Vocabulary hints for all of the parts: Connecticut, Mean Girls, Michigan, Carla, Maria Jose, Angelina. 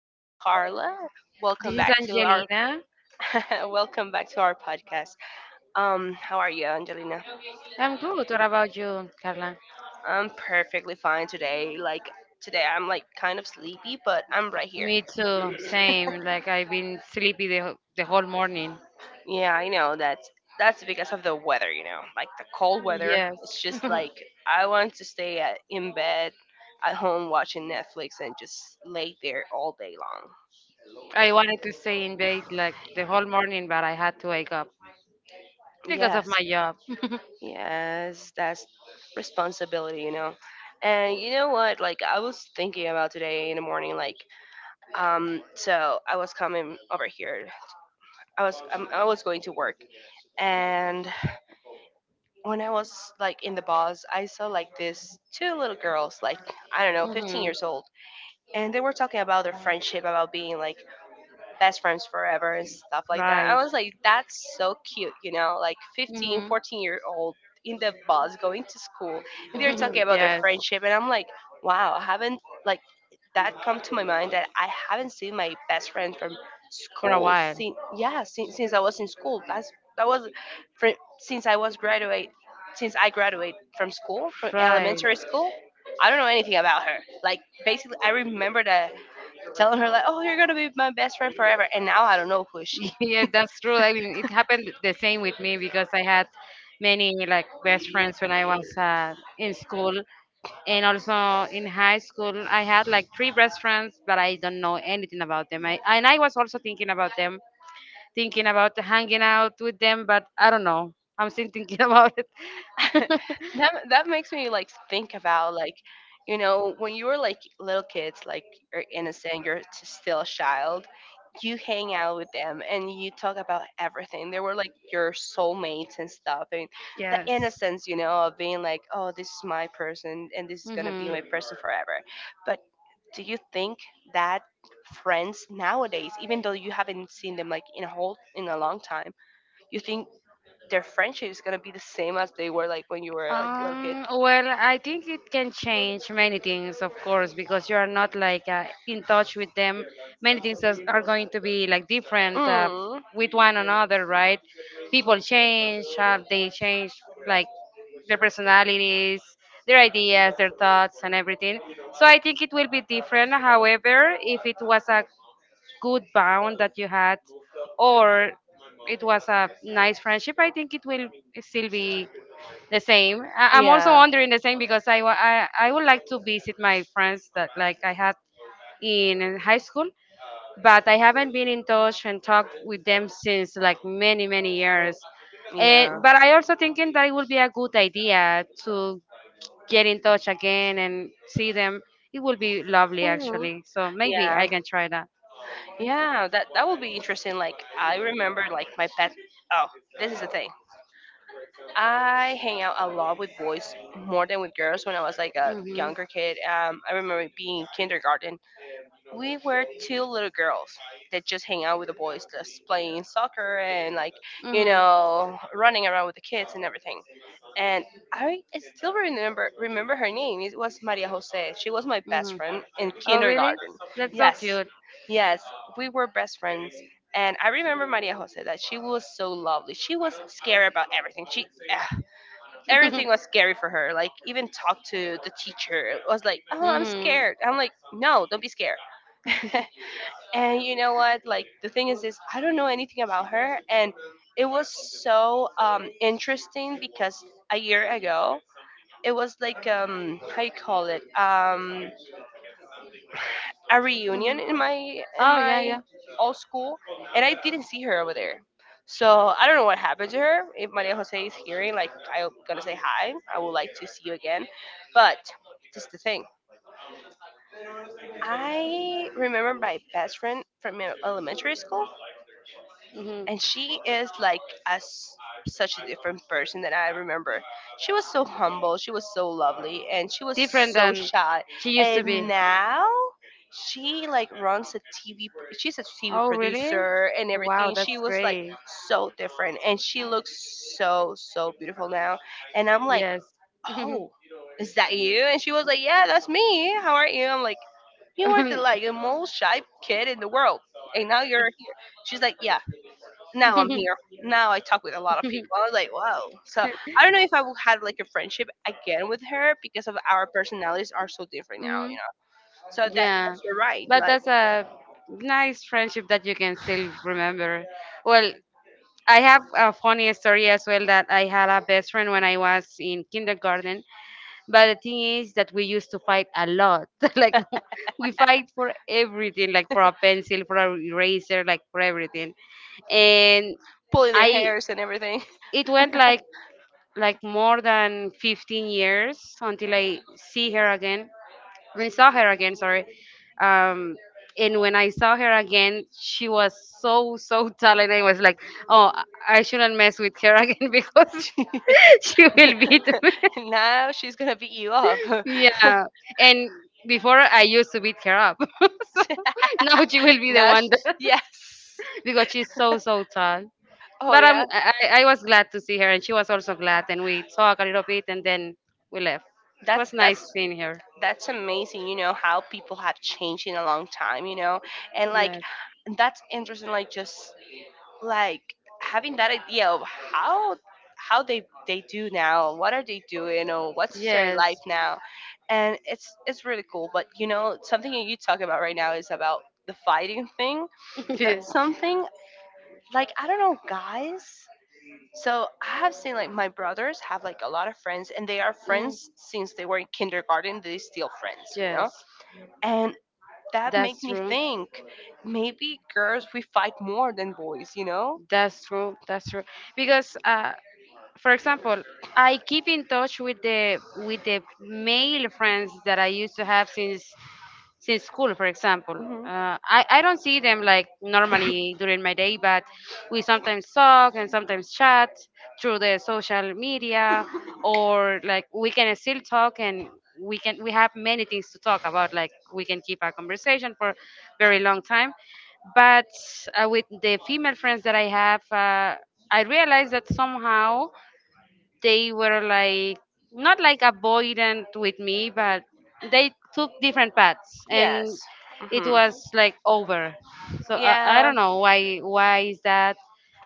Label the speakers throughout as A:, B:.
A: This is Carla.
B: This
A: Welcome
B: is
A: back to our
B: Angelina.
A: welcome back to our podcast. How are you, Angelina?
B: I'm good. What about you, Carla?
A: I'm perfectly fine today. Today, I'm like kind of sleepy, but I'm right here.
B: Me too. Same. Like I've been sleepy the whole morning.
A: Yeah, I know that's because of the weather. You know, like the cold weather. It's
B: Yes.
A: just like I want to in bed at home watching Netflix and just lay there all day long.
B: I wanted to stay in bed like the whole morning, but I had to wake up because of
A: Yes.
B: my job.
A: Yes, that's responsibility, you know. And you know what? Like I was thinking about today in the morning, like so I was coming over here. I was going to work, and when I was like in the bus, I saw like this two little girls, like I don't know, 15
B: Hmm.
A: years old, and they were talking about their friendship, about being like best friends forever and stuff like that. I
B: Right.
A: was like, that's so cute, you know, like 15,
B: Hmm.
A: 14-year-old in the bus going to school. And they're talking about their
B: Yes.
A: friendship. And I'm like, wow, I haven't, like, that come to my mind that I haven't seen my best friend from
B: For a
A: school
B: while.
A: since, yeah, since I was in school. That's, that was fr- Since I was graduate, since I graduate from school, from
B: Right.
A: elementary school. I don't know anything about her. Like basically, I remember that telling her like, "Oh, you're gonna be my best friend forever," and now I don't know who is she.
B: Yeah, that's true. I mean, it happened the same with me because I had many like best friends when I was in school and also in high school. I had like three best friends, but I don't know anything about them. I and I was also thinking about them thinking about hanging out with them, but I don't know. I'm still thinking about it.
A: That makes me like think about like, you know, when you were like little kids, like you're innocent, still a child. You hang out with them and you talk about everything. They were like your soulmates and stuff, and the
B: Yes.
A: innocence, you know, of being like, "Oh, this is my person, and this is gonna be
B: Hmm.
A: my person forever." But do you think that friends nowadays, even though you haven't seen them like in a long time? You think their friendship is gonna be the same as they were like when you were like a little kid.
B: Well, I think it can change many things, of course, because you are not like in touch with them. Many things are going to be like different,
A: Mm.
B: with one another, right? People change. They change like their personalities, their ideas, their thoughts, and everything. So I think it will be different. However, if it was a good bond that you had, or it was a nice friendship, I think it will still be the same. I'm also
A: Yeah.
B: wondering the same because I, wa- I would like to visit my friends that like I had in high school, but I haven't been in touch and talked with them since like many many years.
A: Yeah.
B: But I also thinking that it would be a good idea to get in touch again and see them. It would be lovely
A: Mhm.
B: actually. So maybe I
A: Yeah.
B: can try that.
A: Yeah, that will be interesting. Like I remember like my pet Oh, this is the thing. I hang out a lot with boys more than with girls when I was like a
B: Mhm.
A: younger kid. I remember being in kindergarten we were two little girls that just hang out with the boys, just playing soccer and like you
B: Hmm. Hmm.
A: know running around with the kids and everything. And I still remember her name. It was Maria Jose. She was my best friend in
B: Oh, really?
A: kindergarten.
B: That's so
A: Yes,
B: cute.
A: yes, we were best friends. And I remember Maria Jose that she was so lovely. She was scared about everything. She
B: Hmm.
A: Everything was scary for her. Like even talk to the teacher it was like, "Oh, I'm scared." I'm like, "No, don't be scared."
B: Hmm.
A: And you know what? Like the thing is I don't know anything about her, and it was so interesting because a year ago it was like how you call it a reunion in
B: Oh, yeah,
A: my
B: yeah.
A: old school, and I didn't see her over there. So I don't know what happened to her. If Maria Jose is hearing, like I'm gonna say hi. I would like to see you again, but this is the thing. I remember my best friend from elementary school
B: Hmm.
A: and she is like as such a different person that I remember. She was so humble, she was so lovely, and she was
B: Different
A: so
B: than
A: shy.
B: she used to be.
A: And now she like runs a She's a TV
B: Oh, really?
A: producer and
B: Wow,
A: everything.
B: that's
A: She was like
B: great.
A: so different, and she looks so so beautiful now. And I'm like,
B: Yes. Hmm.
A: oh, is that you? And she was like, yeah, that's me. How are you? I'm like, you were the like the most shy kid in the world, and now you're here. She's like, yeah. Now I'm here. Now I talk with a lot of people. I was like, wow. So I don't know if I will have like a friendship again with her because of our personalities are so different now, you
B: Mhm.
A: know. So that
B: Yeah,
A: you're right,
B: but
A: like
B: that's a nice friendship that you can still remember. Well, I have a funny story as well that I had a best friend when I was in kindergarten, but the thing is that we used to fight a lot. Like, we fight for everything, like for a pencil, for a eraser, like for everything. And
A: pulling their
B: I
A: hairs and everything.
B: it went like more than 15 years until I see her again, when I saw her again, sorry. Um, and when I saw her again, she was so so talented. I was like, oh, I shouldn't mess with her again because she will beat me.
A: Now she's gonna beat you up.
B: Yeah, and before I used to beat her up, so now she will be the
A: Now,
B: one that,
A: yes.
B: because she's so so tall.
A: Oh
B: But I'm,
A: yeah.
B: I was glad to see her, and she was also glad. And we talked a little bit, and then we left. It was
A: that's
B: nice
A: that's
B: seeing her.
A: that's amazing, you know how people have changed in a long time, you know, and like
B: Yeah.
A: that's interesting, like just like having that idea of how they do now, what are they doing or what's their
B: Yes.
A: life now, and it's really cool. But you know something that you talk about right now is about the fighting thing. That's
B: Yes.
A: something like I don't know, guys, so I have seen like my brothers have like a lot of friends, and they are
B: Mhm.
A: friends since they were in kindergarten, they still friends, you know.
B: Yes.
A: And that make
B: That's
A: me
B: true.
A: think maybe girls we fight more than boys, you know.
B: That's true. That's true. Because, for example, I keep in touch with the male friends that I used to have since school, for example. I don't see them like normally during my day, but we sometimes talk and sometimes chat through the social media, or like we can still talk, and we have many things to talk about. Like we can keep a conversation for very long time. But, with the female friends that I have, I realized that somehow they were like not like avoidant with me, but they took different paths, and
A: Yes.
B: it
A: Hmm.
B: was like over. So I
A: Yeah,
B: don't know why is that,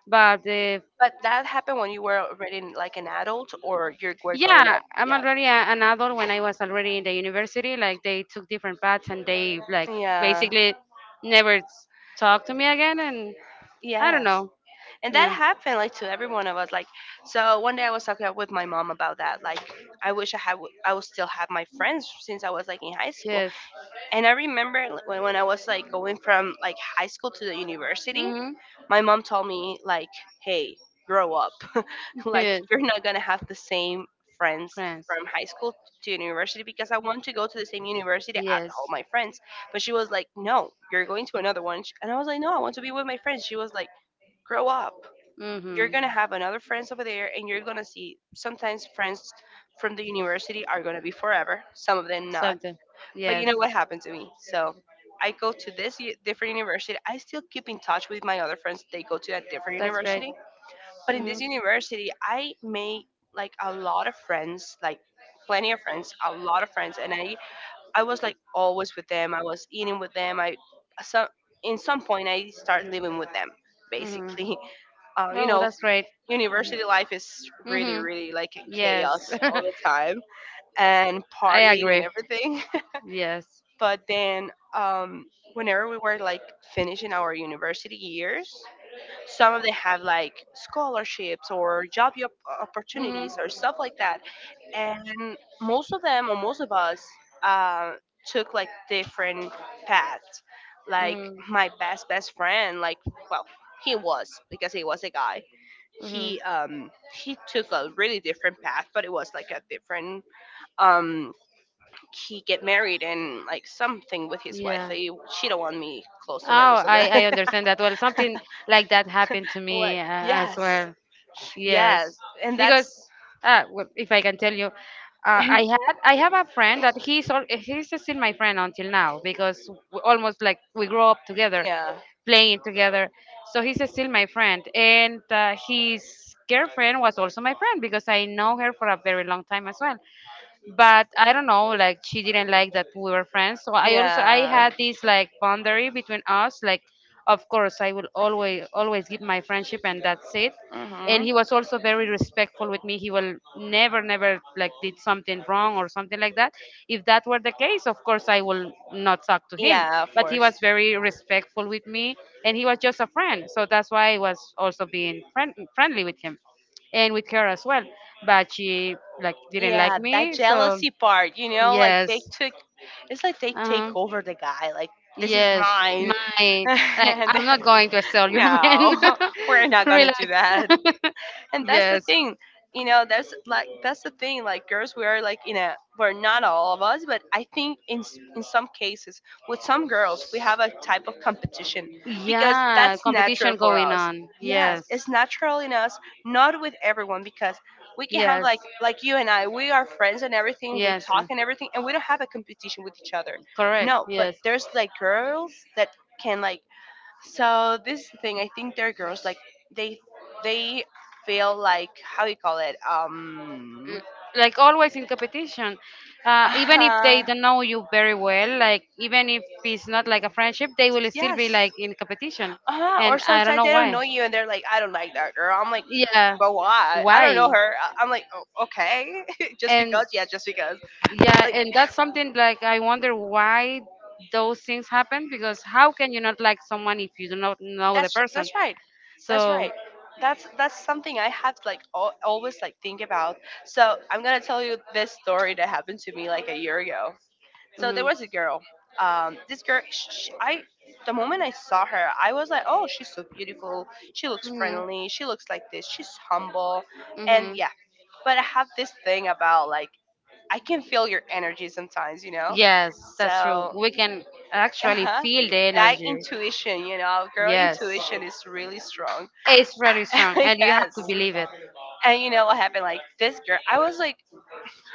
B: but,
A: but that happened when you were already like an adult or you were growing
B: yeah,
A: up.
B: I'm
A: Yeah.
B: already an adult. When I was already in the university, like they took different paths, and they like
A: Yeah.
B: basically never talked to me again, and I don't
A: Yes.
B: know.
A: And that
B: Yeah.
A: happened like to every one of us. Like, so one day I was talking with my mom about that. Like, I wish I had, I would still have my friends since I was like in high school.
B: Yes.
A: And I remember when I was like going from like high school to the university, my mom told me like, "Hey, grow up. like
B: Good.
A: you're not gonna have the same friends
B: Friends.
A: from high school to university because I want to go to the same university as
B: Yes.
A: all
B: Mm-hmm.
A: my friends." But she was like, "No, you're going to another one." And I was like, "No, I want to be with my friends." She was like, "Grow up. You're gonna have another friends over there, and you're gonna see sometimes friends." From the university are gonna be forever, some of them not,
B: Something.
A: but you
B: Yes.
A: know what happened to me? So I go to this different university. I still keep in touch with my other friends. They go to a different
B: That's great.
A: university. But in
B: Mm-hmm.
A: this university, I made like a lot of friends, like plenty of friends, a lot of friends. I was like always with them. I was eating with them. I, some In some point, I started living with them,
B: Hmm.
A: basically. You
B: Oh,
A: know,
B: that's great.
A: university life is really,
B: Hmm.
A: really like a
B: Yes.
A: chaos all the time and
B: I
A: partying and
B: agree.
A: everything.
B: Yes.
A: But then, whenever we were like finishing our university years, some of them have like scholarships or
B: Hmm.
A: opportunities or stuff like that. And most of them, or most of us, uh, took like different paths. Like
B: Mm.
A: my best friend, like well, he was because he was a guy.
B: Hmm.
A: He took a really different path, but it was like a different um he get married and like something with his wife.
B: Yeah.
A: He cheated on me
B: Oh,
A: close to him. So that
B: I understand that well. Something like that happened to
A: what?
B: me, as
A: Yes,
B: well. Yes,
A: yes, and that's
B: because, well, if I can tell you, I have a friend that he's still my friend until now because we almost like we grow up
A: yeah,
B: together,
A: yeah.
B: playing together. So he's still my friend, and, his girlfriend was also my friend because I know her for a very long time as well, but I don't know, like she didn't like that we were friends. So I had this like boundary between us, like of course I will always always give my friendship, and that's it. And
A: Hmm.
B: he was also very respectful with me. He will never never like did something wrong or something like that. If that were the case, of course I will not talk to him.
A: Yeah, of
B: But he
A: course.
B: was very respectful with me, and he was just a friend. So that's why I was also being friendly with him and with her as well, but she like didn't like
A: Yeah, that
B: me. So
A: jealousy part, you know, like
B: yes,
A: they took, it's like they take
B: uh-huh.
A: over the guy, like, this is
B: Yes,
A: mine.
B: my like
A: And
B: I'm not going
A: then,
B: to sell your man.
A: no, we're not gonna do that.
B: Relax.
A: And that's the
B: Yes.
A: thing, you know. That's the thing, like girls we are like in a we're not all of us, but I think in some cases with some girls we have a type of competition because
B: Yeah,
A: that's natural
B: competition
A: for
B: going
A: us.
B: on.
A: Yes,
B: Yes,
A: it's natural in us, not with everyone, because we can have
B: yes,
A: like you and I, we are friends and everything, we
B: yes,
A: talk
B: ma'am.
A: and everything, and we don't have a competition with each other.
B: Correct.
A: No, but
B: Yes. Mm,
A: there's like girls that can like, so this is the thing. I think they're girls like they they feel like, how do you call it?
B: like always in competition, even if they
A: Uh,
B: don't know you very well, like even if it's not like a friendship, they will still be
A: yes.
B: like in competition,
A: Uh-huh. Or
B: and I don't
A: sometimes
B: know
A: they don't
B: why,
A: know you and they're like, I don't like that girl. I'm like,
B: yeah,
A: but why? I don't
B: why.
A: know her. I'm like, oh, okay, just
B: And
A: because. Yeah, just because.
B: yeah,
A: Like,
B: and that's something like I wonder why those things happen, because how can you not like someone if you do not
A: no,
B: know the
A: that's
B: person?
A: that's right, that's
B: So,
A: right that's something I have like always like think about. So I'm gonna tell you this story that happened to me like a year ago. So there
B: mhm,
A: was a girl, um, this girl, sh sh I the moment I saw her I was like, oh, she's so beautiful, she looks
B: mhm,
A: friendly, she looks like this, she's humble, and
B: mhm.
A: yeah. But I have this thing about like I can feel your energy sometimes, you know.
B: Yes, that's true.
A: So
B: We can actually
A: uh-huh,
B: feel the
A: that
B: energy.
A: intuition, you know, girl
B: Yes,
A: intuition is really strong.
B: it's very strong, and you have
A: Yes.
B: to believe it.
A: And you know what happened? Like this girl, I was like,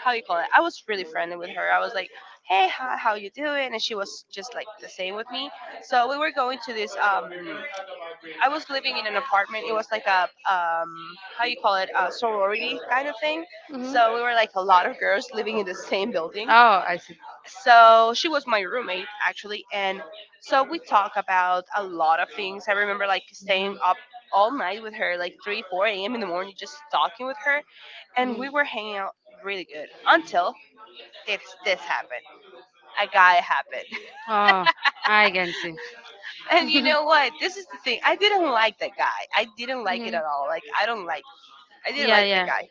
A: how you call it? I was really friendly with her. I was like, hey, how you doing? And she was just like the same with me. So we were going to this. I was living in an apartment. It was like a how you call it? A sorority kind of thing.
B: Mhm.
A: So we were like a lot of girls living in the same building,
B: Oh, I see.
A: so she was my roommate actually. And so we talk about a lot of things. I remember like
B: Mhm.
A: staying
B: Mhm.
A: up all night with her, like 3 4 a.m in the morning, just talking with her. And we were hanging out really good until this happened. A guy happened.
B: Oh, I can see.
A: And you know what? This is the thing, I didn't like that guy. I didn't like it
B: Mhm.
A: at all. Like, I don't like, I didn't
B: Yeah,
A: like the
B: yeah.
A: guy.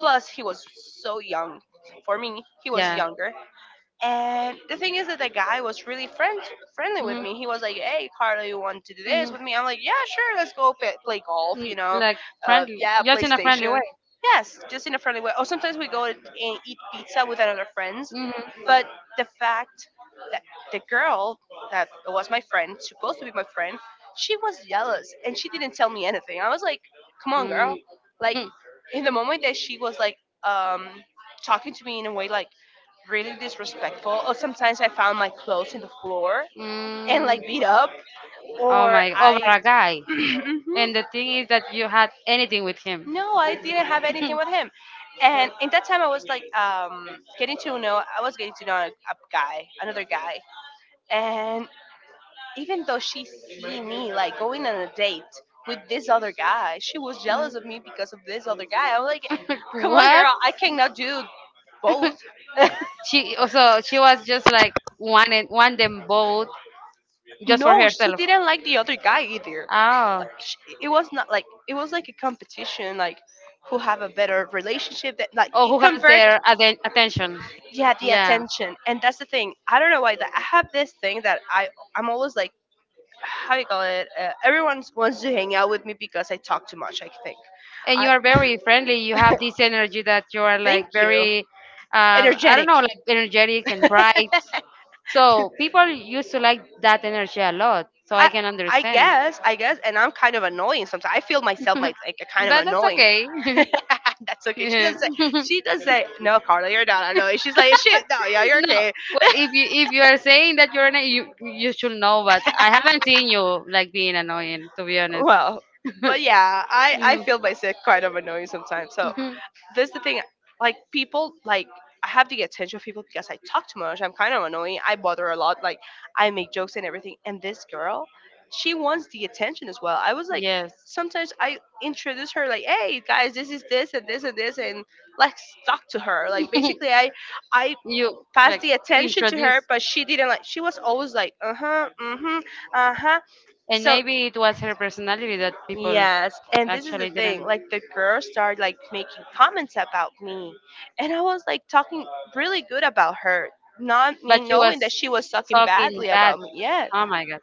A: Plus he was so young for me, he was
B: Yeah.
A: younger. And the thing is that the guy was really friendly with
B: Mhm.
A: me. He was like, "Hey, Carla, you want to do this
B: Mhm.
A: with me?" I'm like, "Yeah, sure. Let's go play golf.
B: Mm,
A: You know,
B: like friendly,
A: yeah,
B: just in a friendly
A: PlayStation."
B: way.
A: Yes, just in a friendly way. Or sometimes we go and eat pizza with another friends.
B: Mhm.
A: But the fact that the girl that was my friend, supposed to be my friend, she was jealous and she didn't tell me anything. I was like, "Come on,
B: Mm.
A: girl!" Like,
B: Hmm. Mm.
A: in the moment that she was like, um, talking to me in a way like really disrespectful. Or sometimes I found my clothes in the floor and like beat up,
B: Oh
A: or
B: my, over
A: I.
B: a guy.
A: Mhm.
B: And the thing is that you had anything with him.
A: No, I didn't have anything with him. And in that time, I was like, getting to know. I was getting to know a guy, another guy. And even though she see me like going on a date with this other guy, she was jealous of me because of this other guy. I'm like, come on,
B: Like,
A: girl, I cannot do both.
B: She so she was just like one and one them both, just
A: No, she didn't like the other guy either.
B: oh. Oh,
A: Like, sh it
B: it,
A: was not like, it was like a competition, like who have a better relationship. That like
B: or
A: it
B: who has for
A: convert,
B: their attention?
A: yeah, the attention. And that's the thing. I don't know why that I have this thing that I'm always like, how you call it. Everyone wants to hang out with me because I talk too much, I think.
B: And you
A: I
B: are very friendly. You have this energy that you are
A: thank
B: like
A: you.
B: very, I don't
A: Energetic.
B: know, like energetic and bright. So people used to like that energy a lot. So I
A: I
B: can
A: I
B: understand.
A: guess I guess, and I'm kind of annoying sometimes. I feel myself like, a kind of
B: But that's
A: annoying.
B: okay.
A: That's okay. She
B: Yeah.
A: doesn't say.
B: No, well,
A: She does say, no, Carla, you're not annoying. She's like, shit, no, yeah, you're okay.
B: if you are saying that you're anno- you should know, but I haven't seen you like being annoying. To be honest.
A: Well, but yeah, I
B: Mhm.
A: feel myself kind of annoying sometimes. So
B: Mhm.
A: that's the thing. Like, people like, I have the attention of people because I talk too much. I'm kind of annoying. I bother a lot. Like, I make jokes and everything. And this girl, she wants the attention as well. I was like,
B: Yes.
A: sometimes I introduce her, like, hey guys, this is this and this and this, and let's talk to her. Like, basically, I
B: You
A: passed
B: like
A: the attention to
B: introduce.
A: her, but she didn't like. She was always like, uh huh, mm hmm, uh huh.
B: And
A: So
B: maybe it was her personality that people
A: yes, and this is the
B: actually
A: thing.
B: didn't.
A: Like, the girls started like making comments about me, and I was like talking really good about her, not
B: But
A: me
B: she was
A: knowing that she was talking
B: talking
A: badly
B: bad.
A: about me. Yeah,
B: Oh my god.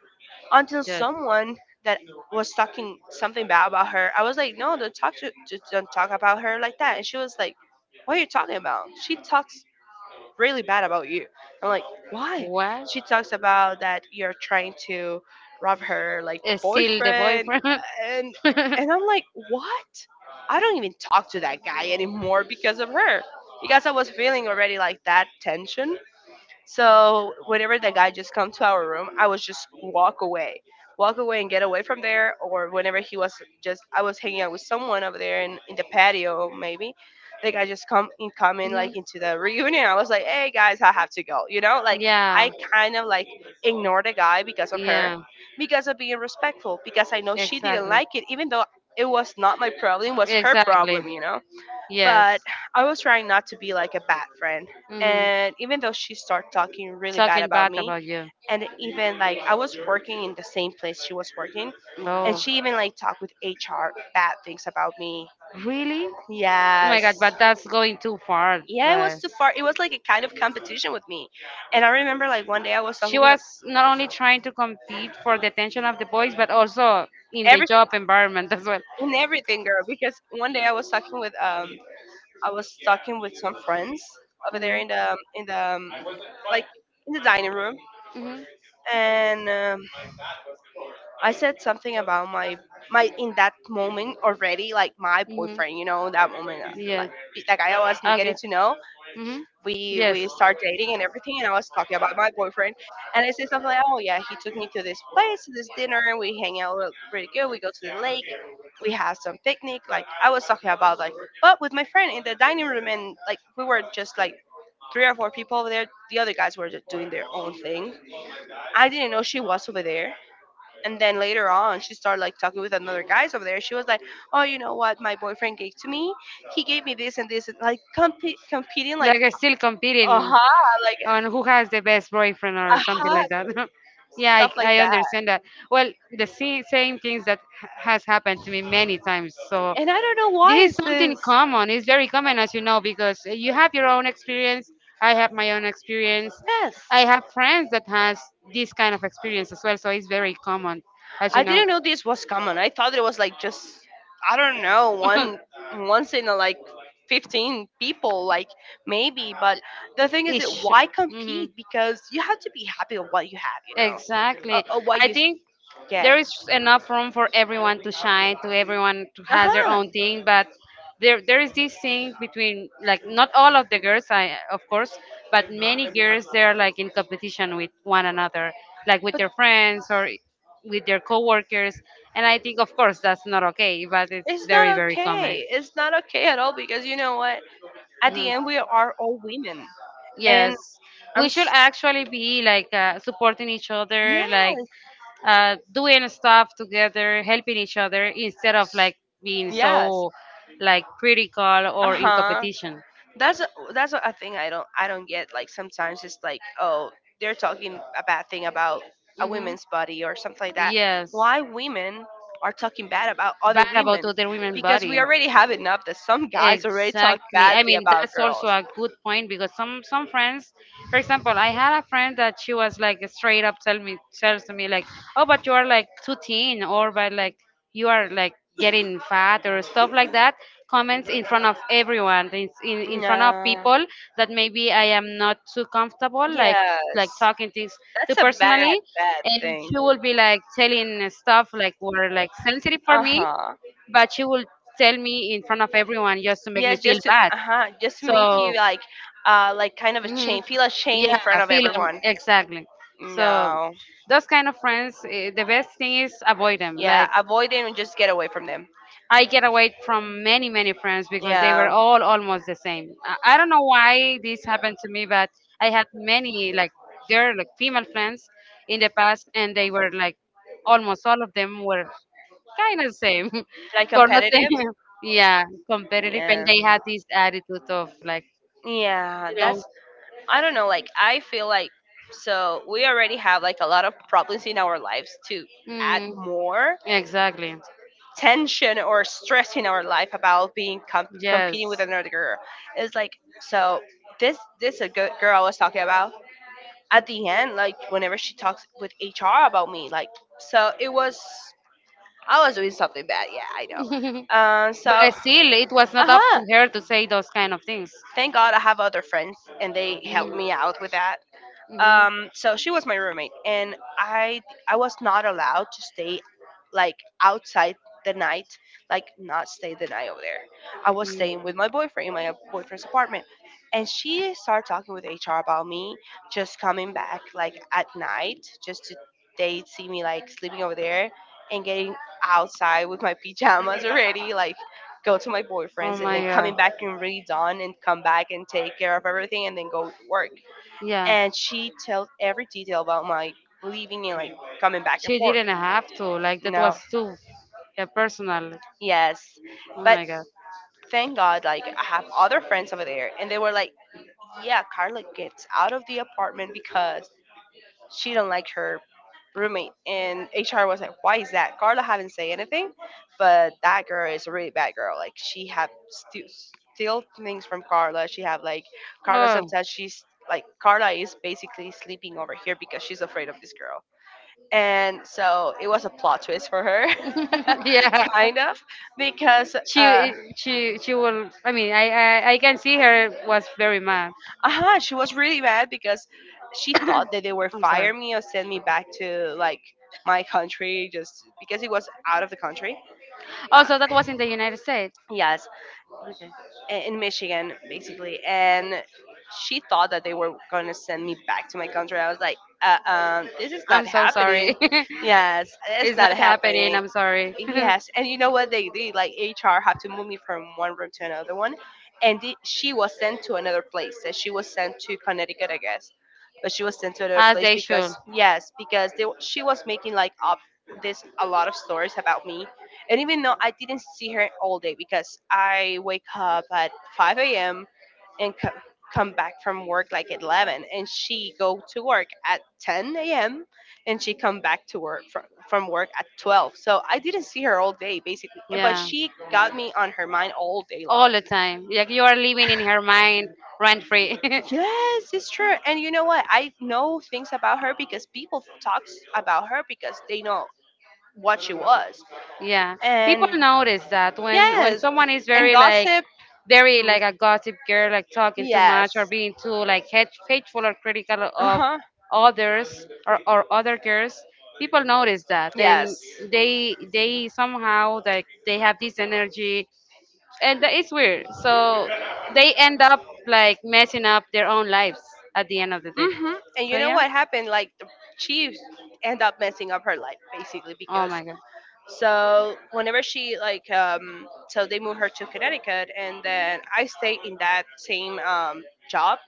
A: until
B: Just
A: someone that was talking something bad about her, I was like, no, don't talk to, don't talk about her like that. And she was like, what are you talking about? She talks really bad about you. I'm like, why?
B: what?
A: She talks about that you're trying to rob her like
B: Still the
A: boyfriend.
B: boyfriend.
A: and and I'm like, what? I don't even talk to that guy anymore because of her, because I was feeling already like that tension, so whenever the guy just come to our room, I was just walk away, walk away, and get away from there. Or whenever he was just, I was hanging out with someone over there in, the patio, maybe. The guy just come in, come in
B: Mhm.
A: like, into the reunion. I was like, hey guys, I have to go. You know, like,
B: Yeah.
A: I kind of like ignore the guy because of her,
B: Yeah.
A: because of being respectful, because I know she didn't
B: Exactly.
A: like it, even though it was not my problem, it was her
B: Exactly.
A: problem. You know,
B: Yes.
A: but I was trying not to be like a bad friend.
B: Hmm.
A: And even though she started talking really bad
B: Talking
A: about
B: bad
A: me,
B: about you.
A: and even like I was working in the same place she was working, and
B: Oh.
A: she even like talked with HR bad things about me.
B: Really? Oh
A: Yes,
B: my god, but that's going too far.
A: yeah, it was
B: But
A: too far. It was like a kind of competition with me. And I remember like one day I was
B: she
A: talking with
B: was not only trying to compete for the attention of the boys, but also in the
A: every
B: job environment as well.
A: in everything, girl. Because one day I was talking with I was talking with some friends over there
B: Mhm,
A: in the like, in the dining room.
B: mhm,
A: And I said something about my in that moment, already like my
B: mhm.
A: boyfriend, in that moment,
B: Yeah.
A: like the guy I was getting
B: Okay.
A: to know,
B: Mhm.
A: we
B: Yes.
A: we start dating and everything. And I was talking about my boyfriend, and I said something like, oh yeah, he took me to this place, this dinner, and we hang out really good, we go to the lake, we have some picnic. Like, I was talking about, like, but with my friend in the dining room. And like, we were just like three or four people over there. The other guys were just doing their own thing. I didn't know she was over there. And then later on she started like talking with another guys over there. She was like, oh, you know what my boyfriend gave to me? He gave me this and this. And like, competing, like,
B: Like I still competing
A: uh-huh, like,
B: on who has the best boyfriend or something
A: uh-huh,
B: like that. Yeah, I,
A: stuff like
B: I
A: that.
B: understand that. Well, the same things that has happened to me many times. So
A: And I don't know why
B: this
A: is
B: is something
A: this.
B: common. It's very common, as you know, because you have your own experience. I have my own experience.
A: Yes,
B: I have friends that has this kind of experience as well. So it's very common, as
A: I
B: you know.
A: didn't know this was common. I thought it was like just, I don't know, one once in a, like, 15 people, like, maybe. But the thing is, that why compete? Because you have to be happy with what you have, you know,
B: Exactly.
A: what
B: I
A: you
B: think
A: get.
B: there is enough room for everyone to shine, to everyone to
A: Uh
B: has their
A: huh.
B: own thing, but there is this thing between like not all of the girls, I of course, but many girls they're like in competition with one another, like with their friends or with their coworkers. And I think of course that's not okay, but it's very, very common.
A: Okay, it's not okay at all because, you know what? At the
B: Mhm.
A: end, we are all women, and
B: Yes,
A: I'm
B: we
A: we should
B: should
A: s-
B: actually be like, supporting each other, like,
A: yes,
B: doing stuff together, helping each other instead of like being so like critical
A: uh
B: or in
A: huh.
B: competition.
A: That's a thing I don't get. Like, sometimes it's like, oh, they're talking a bad thing about a
B: Hmm.
A: woman's body or something like that.
B: Yes,
A: Why women are talking bad about other
B: bad about
A: women?
B: other women
A: Because we
B: body.
A: already have enough that some guys already talk
B: Exactly. I
A: badly
B: mean,
A: about
B: that's
A: girls.
B: also a good point because some friends, for example, I had a friend that she was like straight up tells me like, oh, but you are like too thin, or but like you are like getting fat or stuff like that. Comments in front of everyone, in front of
A: No.
B: people that maybe I am not too comfortable, like
A: Yes,
B: talking things too
A: that's a bad
B: personally,
A: bad
B: and
A: thing.
B: she will be like telling stuff like were like sensitive for
A: Uh
B: me,
A: huh.
B: but she would tell me in front of everyone just to make me
A: Yes,
B: feel
A: just to, uh
B: bad.
A: huh, just to make
B: So,
A: you like, like, kind of a
B: mhm.
A: shame, feel ashamed in
B: Yeah,
A: front of
B: film
A: everyone.
B: exactly. So,
A: No.
B: those kind of friends, the best thing is avoid them.
A: Yeah,
B: Like
A: avoid them and just get away from them.
B: I get away from many, many friends because they were
A: Yeah.
B: all almost the same. I don't know why this happened to me, but I had many like girl, like female friends in the past, and they were like almost all of them were kind of same
A: Like,
B: for nothing.
A: competitive.
B: Yeah, competitive, and
A: Yeah.
B: they had this attitude of like,
A: Yeah,
B: you know,
A: that's, I don't know, like, I feel like, so we already have like a lot of problems in our lives to add
B: mm,
A: more
B: exactly.
A: tension or stress in our life about being
B: Yes.
A: competing with another girl. It's like, so this a good girl I was talking about. At the end, like, whenever she talks with HR about me, like, so it was, I was doing something bad. Yeah, I know. So
B: But
A: uh
B: still, it was not up
A: huh.
B: to her to say those kind of things.
A: Thank God I have other friends and they help me out with that. So she was my roommate and I was not allowed to stay, like, outside the night, like, not stay the night over there. I was staying with my boyfriend, in my boyfriend's apartment. And she started talking with HR about me, just coming back like at night, just to, they see me like sleeping over there, and getting outside with my pajamas already, like, go to my
B: Oh
A: boyfriend's and
B: my
A: then
B: god.
A: coming back, and redone, and come back and take care of everything and then go to work.
B: Yeah.
A: And she tells every detail about my leaving and like coming back and
B: She
A: forth.
B: didn't have to. Like that
A: No,
B: was too, yeah, personal.
A: yes,
B: Oh
A: but
B: my god.
A: thank God, like, I have other friends over there, and they were like, "Yeah, Carla gets out of the apartment because she don't like her roommate." And HR was like, "Why is that? Carla haven't say anything, but that girl is a really bad girl. Like, she have still steal things from Carla. She have like, Carla
B: Oh.
A: sometimes she's like, Carla is basically sleeping over here because she's afraid of this girl." And so it was a plot twist for her
B: Yeah.
A: kind of because
B: She will, I mean, I can see her was very mad.
A: she was really mad because she thought that they were
B: I'm sorry.
A: fire me or send me back to like my country just because it was out of the country uh,
B: Also, that was in the United States.
A: yes, in Michigan, basically, and she thought that they were going to send me back to my country. I was like, this is
B: I'm
A: not
B: so sorry.
A: happening. Yes, it's
B: It's
A: not
B: not happening,
A: happening.
B: I'm sorry.
A: Yes, and you know what they did? Like HR had to move me from one room to another one, and she was sent to another place. So she was sent to Connecticut, I guess, but she was sent to another
B: As
A: place
B: they should.
A: because yes, because she was making like up this a lot of stories about me. And even though I didn't see her all day because I wake up at 5 a.m. and come back from work like at 11, and she go to work at 10 a.m. and she come back to work from work at 12. So I didn't see her all day basically, but
B: Yeah.
A: she got me on her mind all day long.
B: All the time. Like you are living in her mind rent free.
A: Yes, it's true. And you know what, I know things about her because people talks about her because they know what she was.
B: Yeah, people
A: And
B: notice that when
A: yes,
B: someone is
A: and gossip.
B: very
A: Hmm,
B: like a gossip girl, like talking too
A: yes.
B: much or being too like hateful or critical
A: Uh
B: of
A: huh.
B: others or other girls, people notice that, and
A: Yes.
B: they somehow like they have this energy, it's weird. So they end up like messing up their own lives at the end of the day.
A: Mm-hmm. And
B: So
A: you know
B: yeah.
A: what happened? Like the Chiefs end up messing up her life basically
B: Oh
A: because
B: my god.
A: so whenever she like so they move her to Connecticut, and then I stay in that same job.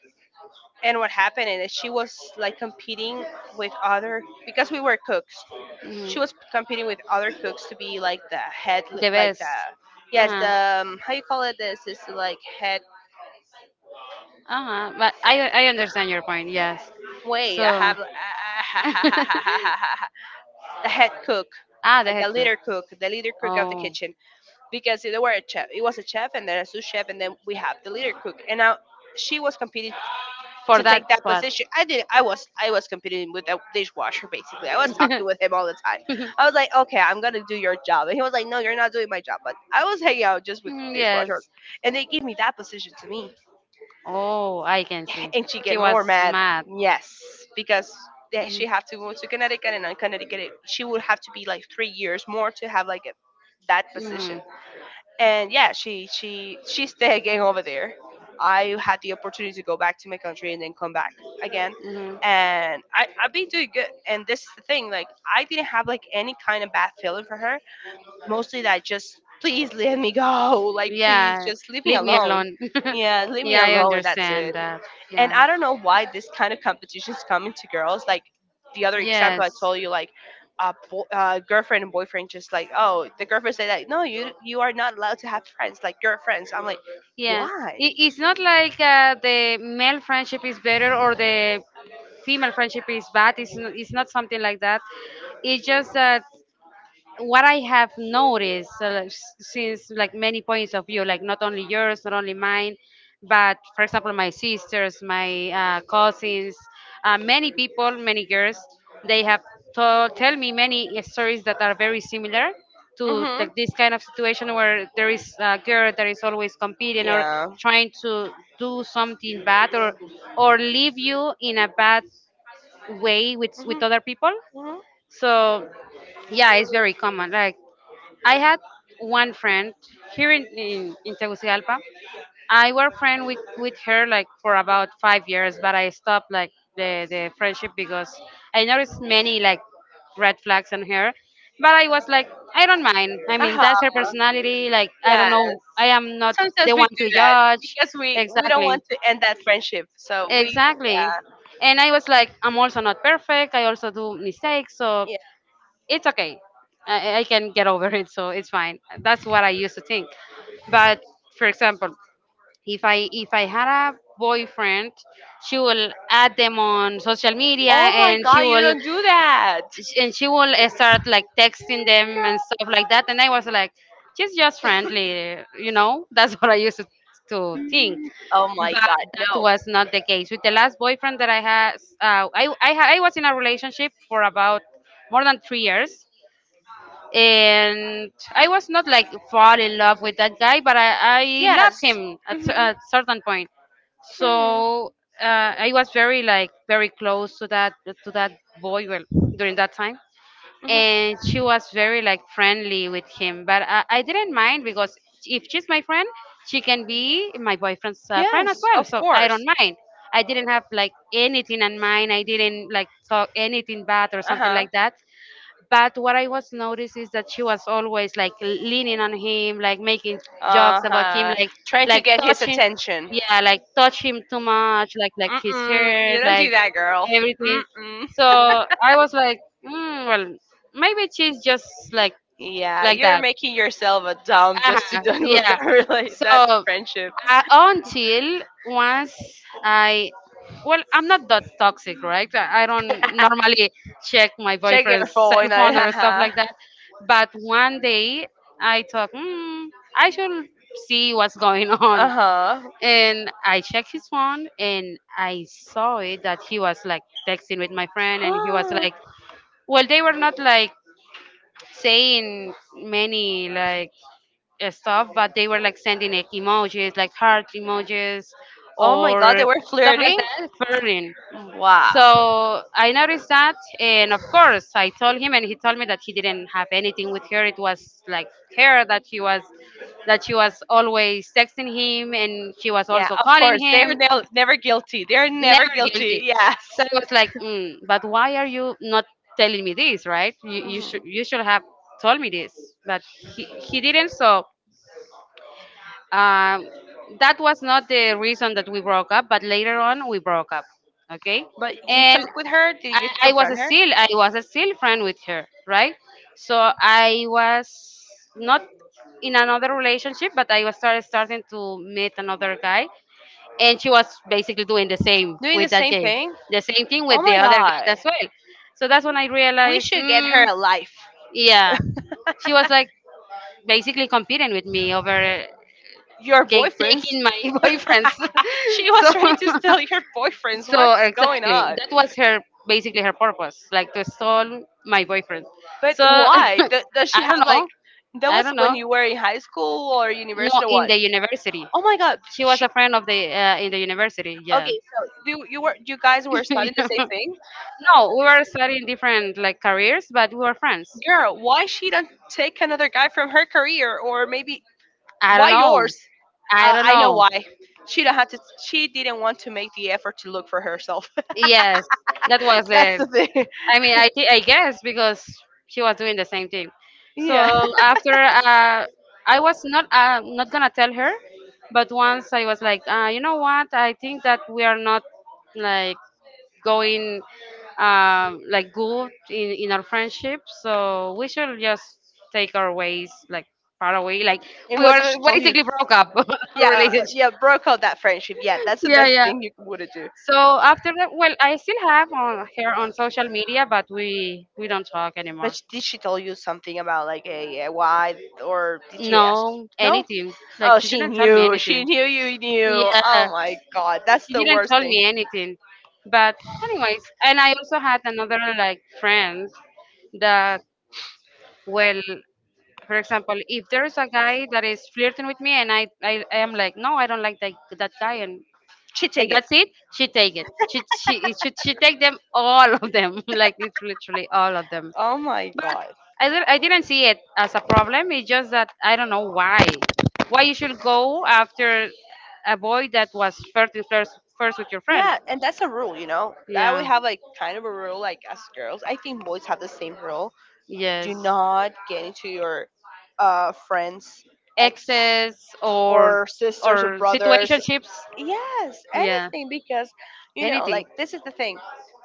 A: And what happened is she was like competing with other because we were cooks.
B: Hmm.
A: She was competing with other cooks to be like the head,
B: The
A: like
B: best.
A: the, yes,
B: Uh-huh.
A: the how you call it, this is like head,
B: Uh-huh. But I understand your point. Yes.
A: wait, I
B: So,
A: have the head cook,
B: ah, the
A: like
B: head
A: the
B: coach.
A: leader cook, the leader cook of the
B: Oh,
A: kitchen, because they were a chef, it was a chef, and then a sous chef, and then we have the leader cook, and now she was competing
B: for
A: to take
B: that
A: that
B: spot.
A: position. I did. I was competing with a dishwasher basically. I was talking with him all the time. I was like, okay, I'm gonna do your job, and he was like, no, you're not doing my job. But I was hanging out just with
B: Mm,
A: the dishwasher,
B: yes.
A: and they gave me that position to me,
B: Oh, I can see.
A: and she
B: She
A: get
B: was
A: more
B: smart,
A: mad.
B: mad.
A: Yes, because
B: Mhm.
A: she had to move to Connecticut, and in Connecticut, she would have to be like 3 years more to have like a, that position.
B: Mhm.
A: And yeah, she stay again over there. I had the opportunity to go back to my country and then come back again,
B: Mhm.
A: and I've been doing good. And this is the thing, like I didn't have like any kind of bad feeling for her. Mostly that just please let me go, like please
B: Yeah,
A: just leave me
B: leave me
A: alone.
B: alone.
A: Yeah, leave me
B: Yeah, I
A: alone, and that's
B: understand
A: it.
B: that.
A: And
B: Yeah.
A: I don't know why this kind of competitions come into girls. Like the other example I
B: Yes.
A: told you, like a girlfriend and boyfriend, just like oh, the girlfriend said like, no, you are not allowed to have friends, like your friends. I'm like,
B: Yeah,
A: why?
B: it's not like the male friendship is better or the female friendship is bad. It's not something like that. It's just that what I have noticed, like, since like many points of view, like not only yours, not only mine, but for example, my sisters, my cousins, many people, many girls, they have tell me many stories that are very similar to
A: Mm-hmm.
B: like this kind of situation where there is a girl that is always competing or
A: Yeah.
B: trying to do something bad or leave you in a bad way with
A: Mm-hmm.
B: other people.
A: Mm-hmm.
B: So yeah, it's very common. Like I had one friend here in Tegucigalpa. I were friend with her like for about 5 years, but I stopped like the friendship because I noticed many like red flags on her. But I was like, I don't mind. I
A: Uh
B: mean,
A: huh.
B: that's her personality. Like I don't
A: Yes.
B: know. I am not
A: Sometimes
B: the
A: we
B: one
A: do
B: to
A: that
B: judge.
A: because we don't
B: Exactly.
A: want to end that friendship. So we
B: Exactly. And I was like, I'm also not perfect. I also do mistakes.
A: yeah.
B: So
A: Yeah.
B: it's okay. I can get over it, so it's fine. That's what I used to think. But for example, if I had a boyfriend, she will add them on social media,
A: Oh my
B: and
A: god,
B: she
A: you
B: will
A: don't do that.
B: and she will start like texting them and stuff like that. And I was like, she's just friendly. That's what I used to think.
A: Oh my
B: But
A: god,
B: that
A: no.
B: was not the case with the last boyfriend that I had. I was in a relationship for about more than 3 years, and I was not like fall in love with that guy, but I loved
A: Yes.
B: him at
A: Hmm.
B: at certain point.
A: Hmm.
B: So, uh, I was very, like, very close to that boy, well, during that time, and she
A: Hmm.
B: was very like friendly with him. But I didn't mind because if she's my friend, she can be my boyfriend's friend as
A: Yes,
B: well.
A: of
B: So I
A: course.
B: don't mind. I didn't have like anything in mind. I didn't like talk anything bad or something
A: Uh
B: like that, but what I was noticed is that she was
A: huh.
B: always like leaning on him, like making
A: Uh
B: jokes about him,
A: huh.
B: like
A: Trying to get his
B: touching,
A: attention.
B: yeah, like touch him too much, like his
A: Mm-mm.
B: hair,
A: You don't
B: like
A: do that, girl.
B: everything.
A: Mm-mm.
B: So I was like, well, maybe she's just like
A: Yeah,
B: like
A: you're
B: that.
A: making yourself a dumb just to
B: Uh-huh.
A: don't lose
B: Yeah.
A: that
B: So,
A: friendship.
B: until once I, well, I'm not that toxic, right? I don't normally check my
A: Check your
B: boyfriend's cell
A: phone. I.
B: phone or stuff
A: haha.
B: like that. But one day I thought, I should see what's going on.
A: Uh
B: And I checked his phone and I saw it that he was like texting with my friend and he was
A: huh.
B: like, well, they were not like saying many like stuff, but they were like sending like emojis, like heart emojis,
A: Oh my god,
B: or
A: they were
B: stuff like
A: flirting?
B: that, flirting.
A: Wow.
B: So I noticed that, and of course I told him, and he told me that he didn't have anything with her. It was like her that she was always texting him, and she was
A: Yeah,
B: also
A: of
B: calling
A: course.
B: him.
A: Never guilty. They're never
B: Never
A: guilty.
B: guilty.
A: Yes.
B: So I was like, but why are you not telling me this, right? You should
A: Mhm.
B: you should have told me this, but he didn't. So Um, that was not the reason that we broke up, but later on we broke up. Okay,
A: But you
B: and
A: talk with her? Did you
B: I was
A: confront her?
B: still I was still friend with her, right? So I was not in another relationship, but I was started starting to meet another guy, and she was basically doing the same
A: Doing the
B: with that
A: same
B: guy,
A: thing?
B: the same thing
A: Oh
B: with the
A: my
B: other
A: god.
B: guy as well. So that's when I
A: We
B: realized,
A: should get her
B: mm,
A: a life.
B: yeah, she was like basically competing with me over
A: Your boyfriends?
B: taking my boyfriends.
A: She was
B: So,
A: trying to steal your boyfriends. What's
B: so
A: going
B: exactly,
A: on?
B: that was her basically her purpose, like to stall my boyfriend.
A: But
B: So I
A: why? Does she have
B: don't
A: like?
B: know,
A: That
B: I
A: was
B: don't
A: when
B: know.
A: you were in high school or
B: No,
A: university or
B: in
A: what?
B: the university,
A: Oh my god.
B: she was
A: She,
B: a friend of the in the university. Yeah.
A: okay, so you were, you guys were studying the
B: Yeah.
A: same thing?
B: No, we were studying different like careers, but we were friends.
A: Girl, why she don't take another guy from her career or maybe
B: I don't
A: why
B: know.
A: yours?
B: I don't
A: I know
B: know.
A: why. She don't have to. She didn't want to make the effort to look for herself.
B: Yes, that was
A: That's
B: it.
A: the thing.
B: I mean, I guess because she was doing the same thing. So
A: Yeah.
B: after, I was not gonna tell her, but once I was like, you know what? I think that we are not like going, like good in our friendship. So we should just take our ways like far away. Like
A: And
B: we
A: what did
B: were
A: she tell you?
B: basically broke up
A: Yeah,
B: relationship.
A: yeah, broke up that friendship. Yeah, that's the
B: Yeah,
A: best
B: yeah.
A: thing you would do.
B: So after that, well, I still have on her on social media, but we don't talk anymore.
A: But did she tell you something about like a why or did she ask?
B: No,
A: No.
B: anything. Like
A: Oh,
B: she
A: she
B: didn't tell me
A: knew. She
B: anything.
A: knew you knew.
B: Yeah,
A: Oh my god, that's
B: she
A: the
B: didn't
A: worst
B: tell
A: thing.
B: me anything. But anyways, and I also had another like friends that, well, for example, if there's a guy that is flirting with me and I am like, no, I don't like that guy and
A: She
B: and
A: take it.
B: that's it. She take it. She take them all of them, like literally, literally all of them.
A: Oh my god.
B: I didn't see it as a problem. It's just that I don't know why. Why you should go after a boy that was flirting first with your friend?
A: Yeah, and that's a rule, you know. That we
B: Yeah.
A: have like kind of a rule, like as girls. I think boys have the same rule.
B: Yes.
A: Do not get into your friends' ex
B: Exes or
A: or sisters or
B: or
A: brothers.
B: situationships.
A: Yes,
B: Yeah.
A: anything because you know,
B: Anything.
A: like this is the thing.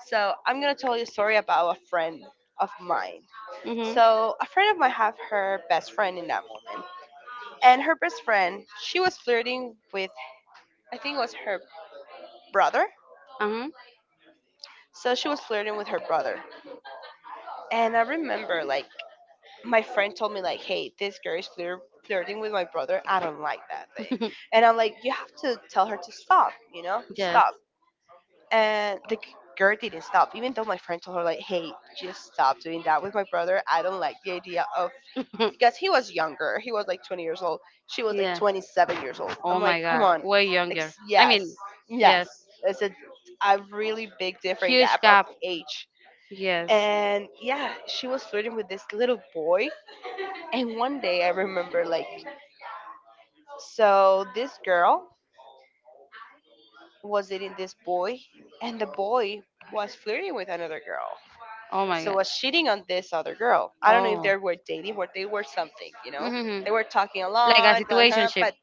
A: So I'm gonna tell you a story about a friend of mine.
B: Mhm.
A: So a friend of mine have her best friend in that moment, and her best friend she was flirting with I think it was her brother.
B: Uh
A: So she was flirting with her brother. And I remember like my friend told me like, "Hey, this girl is flirting with my brother. I don't like that thing."
B: huh.
A: And I'm like, "You have to tell her to stop, you know?
B: Yes.
A: Stop." And girl didn't stop, even though my friend told her like, "Hey, just stop doing that with my brother. I don't like the idea of because he was younger. He was like 20 years old. She was like
B: Yeah.
A: 27 years old." I'm
B: Oh
A: like,
B: my
A: "Come
B: God.
A: on.
B: Way younger. I
A: Yes.
B: mean, yes.
A: Yes. There's a really big different
B: Huge
A: gap of
B: gap.
A: age."
B: Yes.
A: And yeah, she was flirting with this little boy. And one day I remember, like, so this girl was dating this boy, and the boy was flirting with another girl.
B: Oh my
A: So
B: God.
A: was cheating on this other girl. I don't know if
B: Oh.
A: they were dating, but they were something, you know?
B: Hmm.
A: They were talking a
B: Like a
A: lot, uh-huh,
B: situationship.
A: but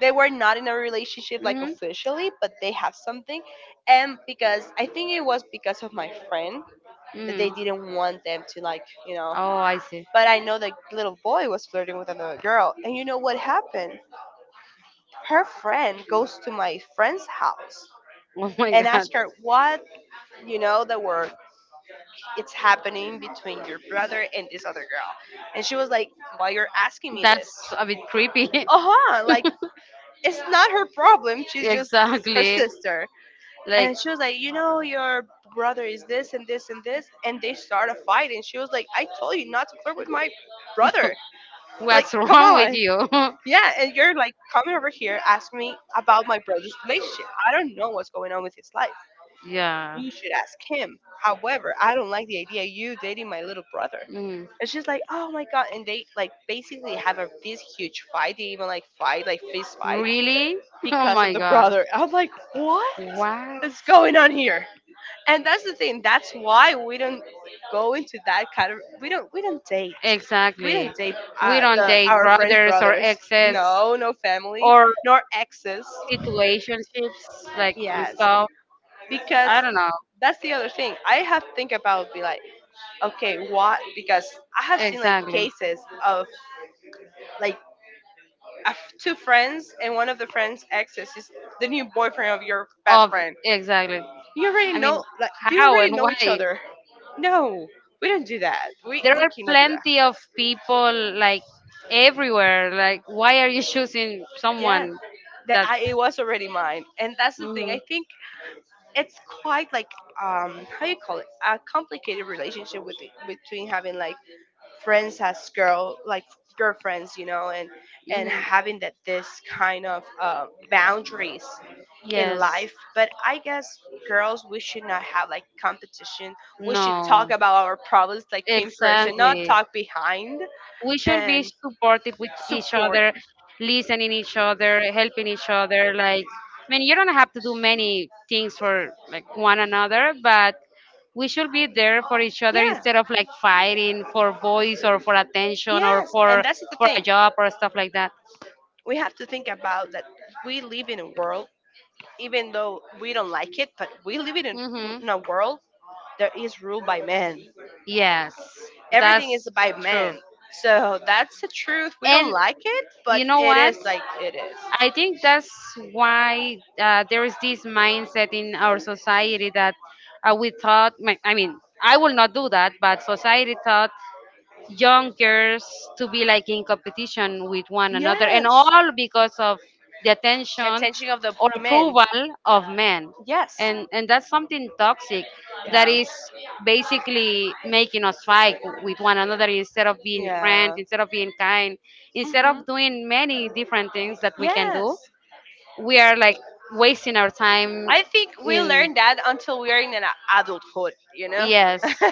A: they were not in a relationship, like,
B: Hmm.
A: officially, but they have something. And because I think it was because of my friend that they
B: Hmm.
A: didn't want them to, like, you know.
B: Oh, I see.
A: But I know the little boy was flirting with another girl. And you know what happened? Her friend goes to my friend's house
B: Oh my
A: and
B: God,
A: asks her what, you know the word, it's happening between your brother and this other girl. And she was like, why you're asking me this?
B: that's a bit creepy.
A: Uh-huh. Like it's not her problem, she's just her
B: Exactly.
A: sister.
B: Like.
A: And she was like, you know your brother is this and this and this. And they start a fight, and she was like, I told you not to flirt with my brother, like
B: What's
A: come
B: wrong with
A: on.
B: you?
A: Yeah, and you're like coming over here asking me about my brother's relationship. I don't know what's going on with his life.
B: Yeah.
A: You should ask him. However, I don't like the idea you dating my little brother.
B: Mm.
A: It's just like, oh my god, and they like basically have a this huge fight. They even like fight, like fist fight,
B: Really? Oh
A: because of
B: my
A: the
B: god.
A: brother. I'm like, what
B: What?
A: is going on here? And that's the thing. That's why we don't go into that kind of. We don't. We don't date. We don't
B: Exactly.
A: date
B: We don't
A: the
B: date
A: our friends'
B: brothers or
A: brothers.
B: exes
A: No, no family,
B: or
A: nor exes.
B: situationships, like, and
A: Yes,
B: stuff.
A: because
B: I don't know.
A: that's the other thing I have to think about, be like, okay, what, because I have seen like
B: Exactly.
A: cases of like two friends, and one of the friends exes is the new boyfriend of your best
B: Of
A: friend.
B: exactly.
A: You already
B: I mean,
A: know, like they
B: how
A: already
B: and
A: know each
B: why?
A: other. No, we don't do that,
B: There
A: we
B: are
A: cannot do that.
B: plenty of people like everywhere. Like, why are you choosing
A: Yeah,
B: someone
A: that
B: that's?
A: I, it was already mine. And that's the thing,
B: Hmm.
A: I think it's quite like, how you call it, a complicated relationship with, between having like friends as girl, like girlfriends, you know, and
B: Hmm.
A: having that this kind of boundaries in
B: Yes.
A: life. But I guess girls, we should not have like competition. We should talk
B: No.
A: about our problems like in person, not
B: Exactly.
A: talk behind.
B: We should
A: And
B: be supportive with each
A: support
B: other,
A: it.
B: listening each other, helping each other. Like, I mean, you don't have to do many things for like one another, but we should be there for each other
A: Yeah.
B: instead of like fighting for voice or for attention or
A: Yes, and
B: for
A: that's the
B: for
A: thing,
B: a job or stuff like that.
A: we have to think about that. We live in a world, even though we don't like it, but we live
B: Hmm.
A: in a world that is ruled by men.
B: Yes,
A: Everything is
B: that's
A: by
B: true.
A: men. So that's the truth. We don't
B: And
A: like it, but
B: you know
A: it
B: what?
A: is like it is.
B: I think that's why, there is this mindset in our society that, we thought — I mean, I will not do that, but society thought young girls to be like in competition with one another,
A: Yes.
B: and all because of the
A: The
B: attention
A: attention of the
B: or
A: men.
B: approval of men.
A: Yes.
B: And that's something toxic that
A: Yeah.
B: is basically making us fight with one another, instead of being friends,
A: Yeah.
B: instead of being kind, instead of
A: Mhm.
B: doing many different things that we can do.
A: Yes.
B: We are like wasting our time
A: I think we
B: in,
A: learn that until we are in an adulthood, you know?
B: yes,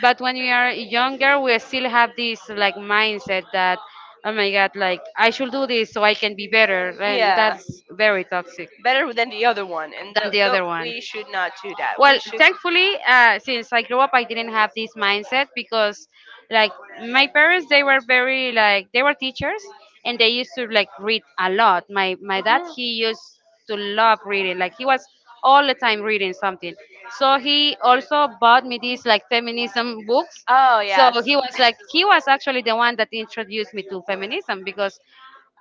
B: but when we are younger we still have this like mindset that, oh my god, like I should do this so I can be better. And
A: Yeah.
B: that's very toxic
A: Better than the other one. And
B: than the
A: th- no,
B: other one.
A: we should not do that. We
B: Well,
A: should.
B: thankfully, since I grew up, I didn't have this mindset because, like, my parents, they were teachers, and they used to like read a lot. My dad,
A: Mhm.
B: he used to love reading. Like he was all the time reading something. So he also bought me these like feminism books.
A: Oh,
B: So he
A: so
B: was like he was actually the one that introduced me to feminism because,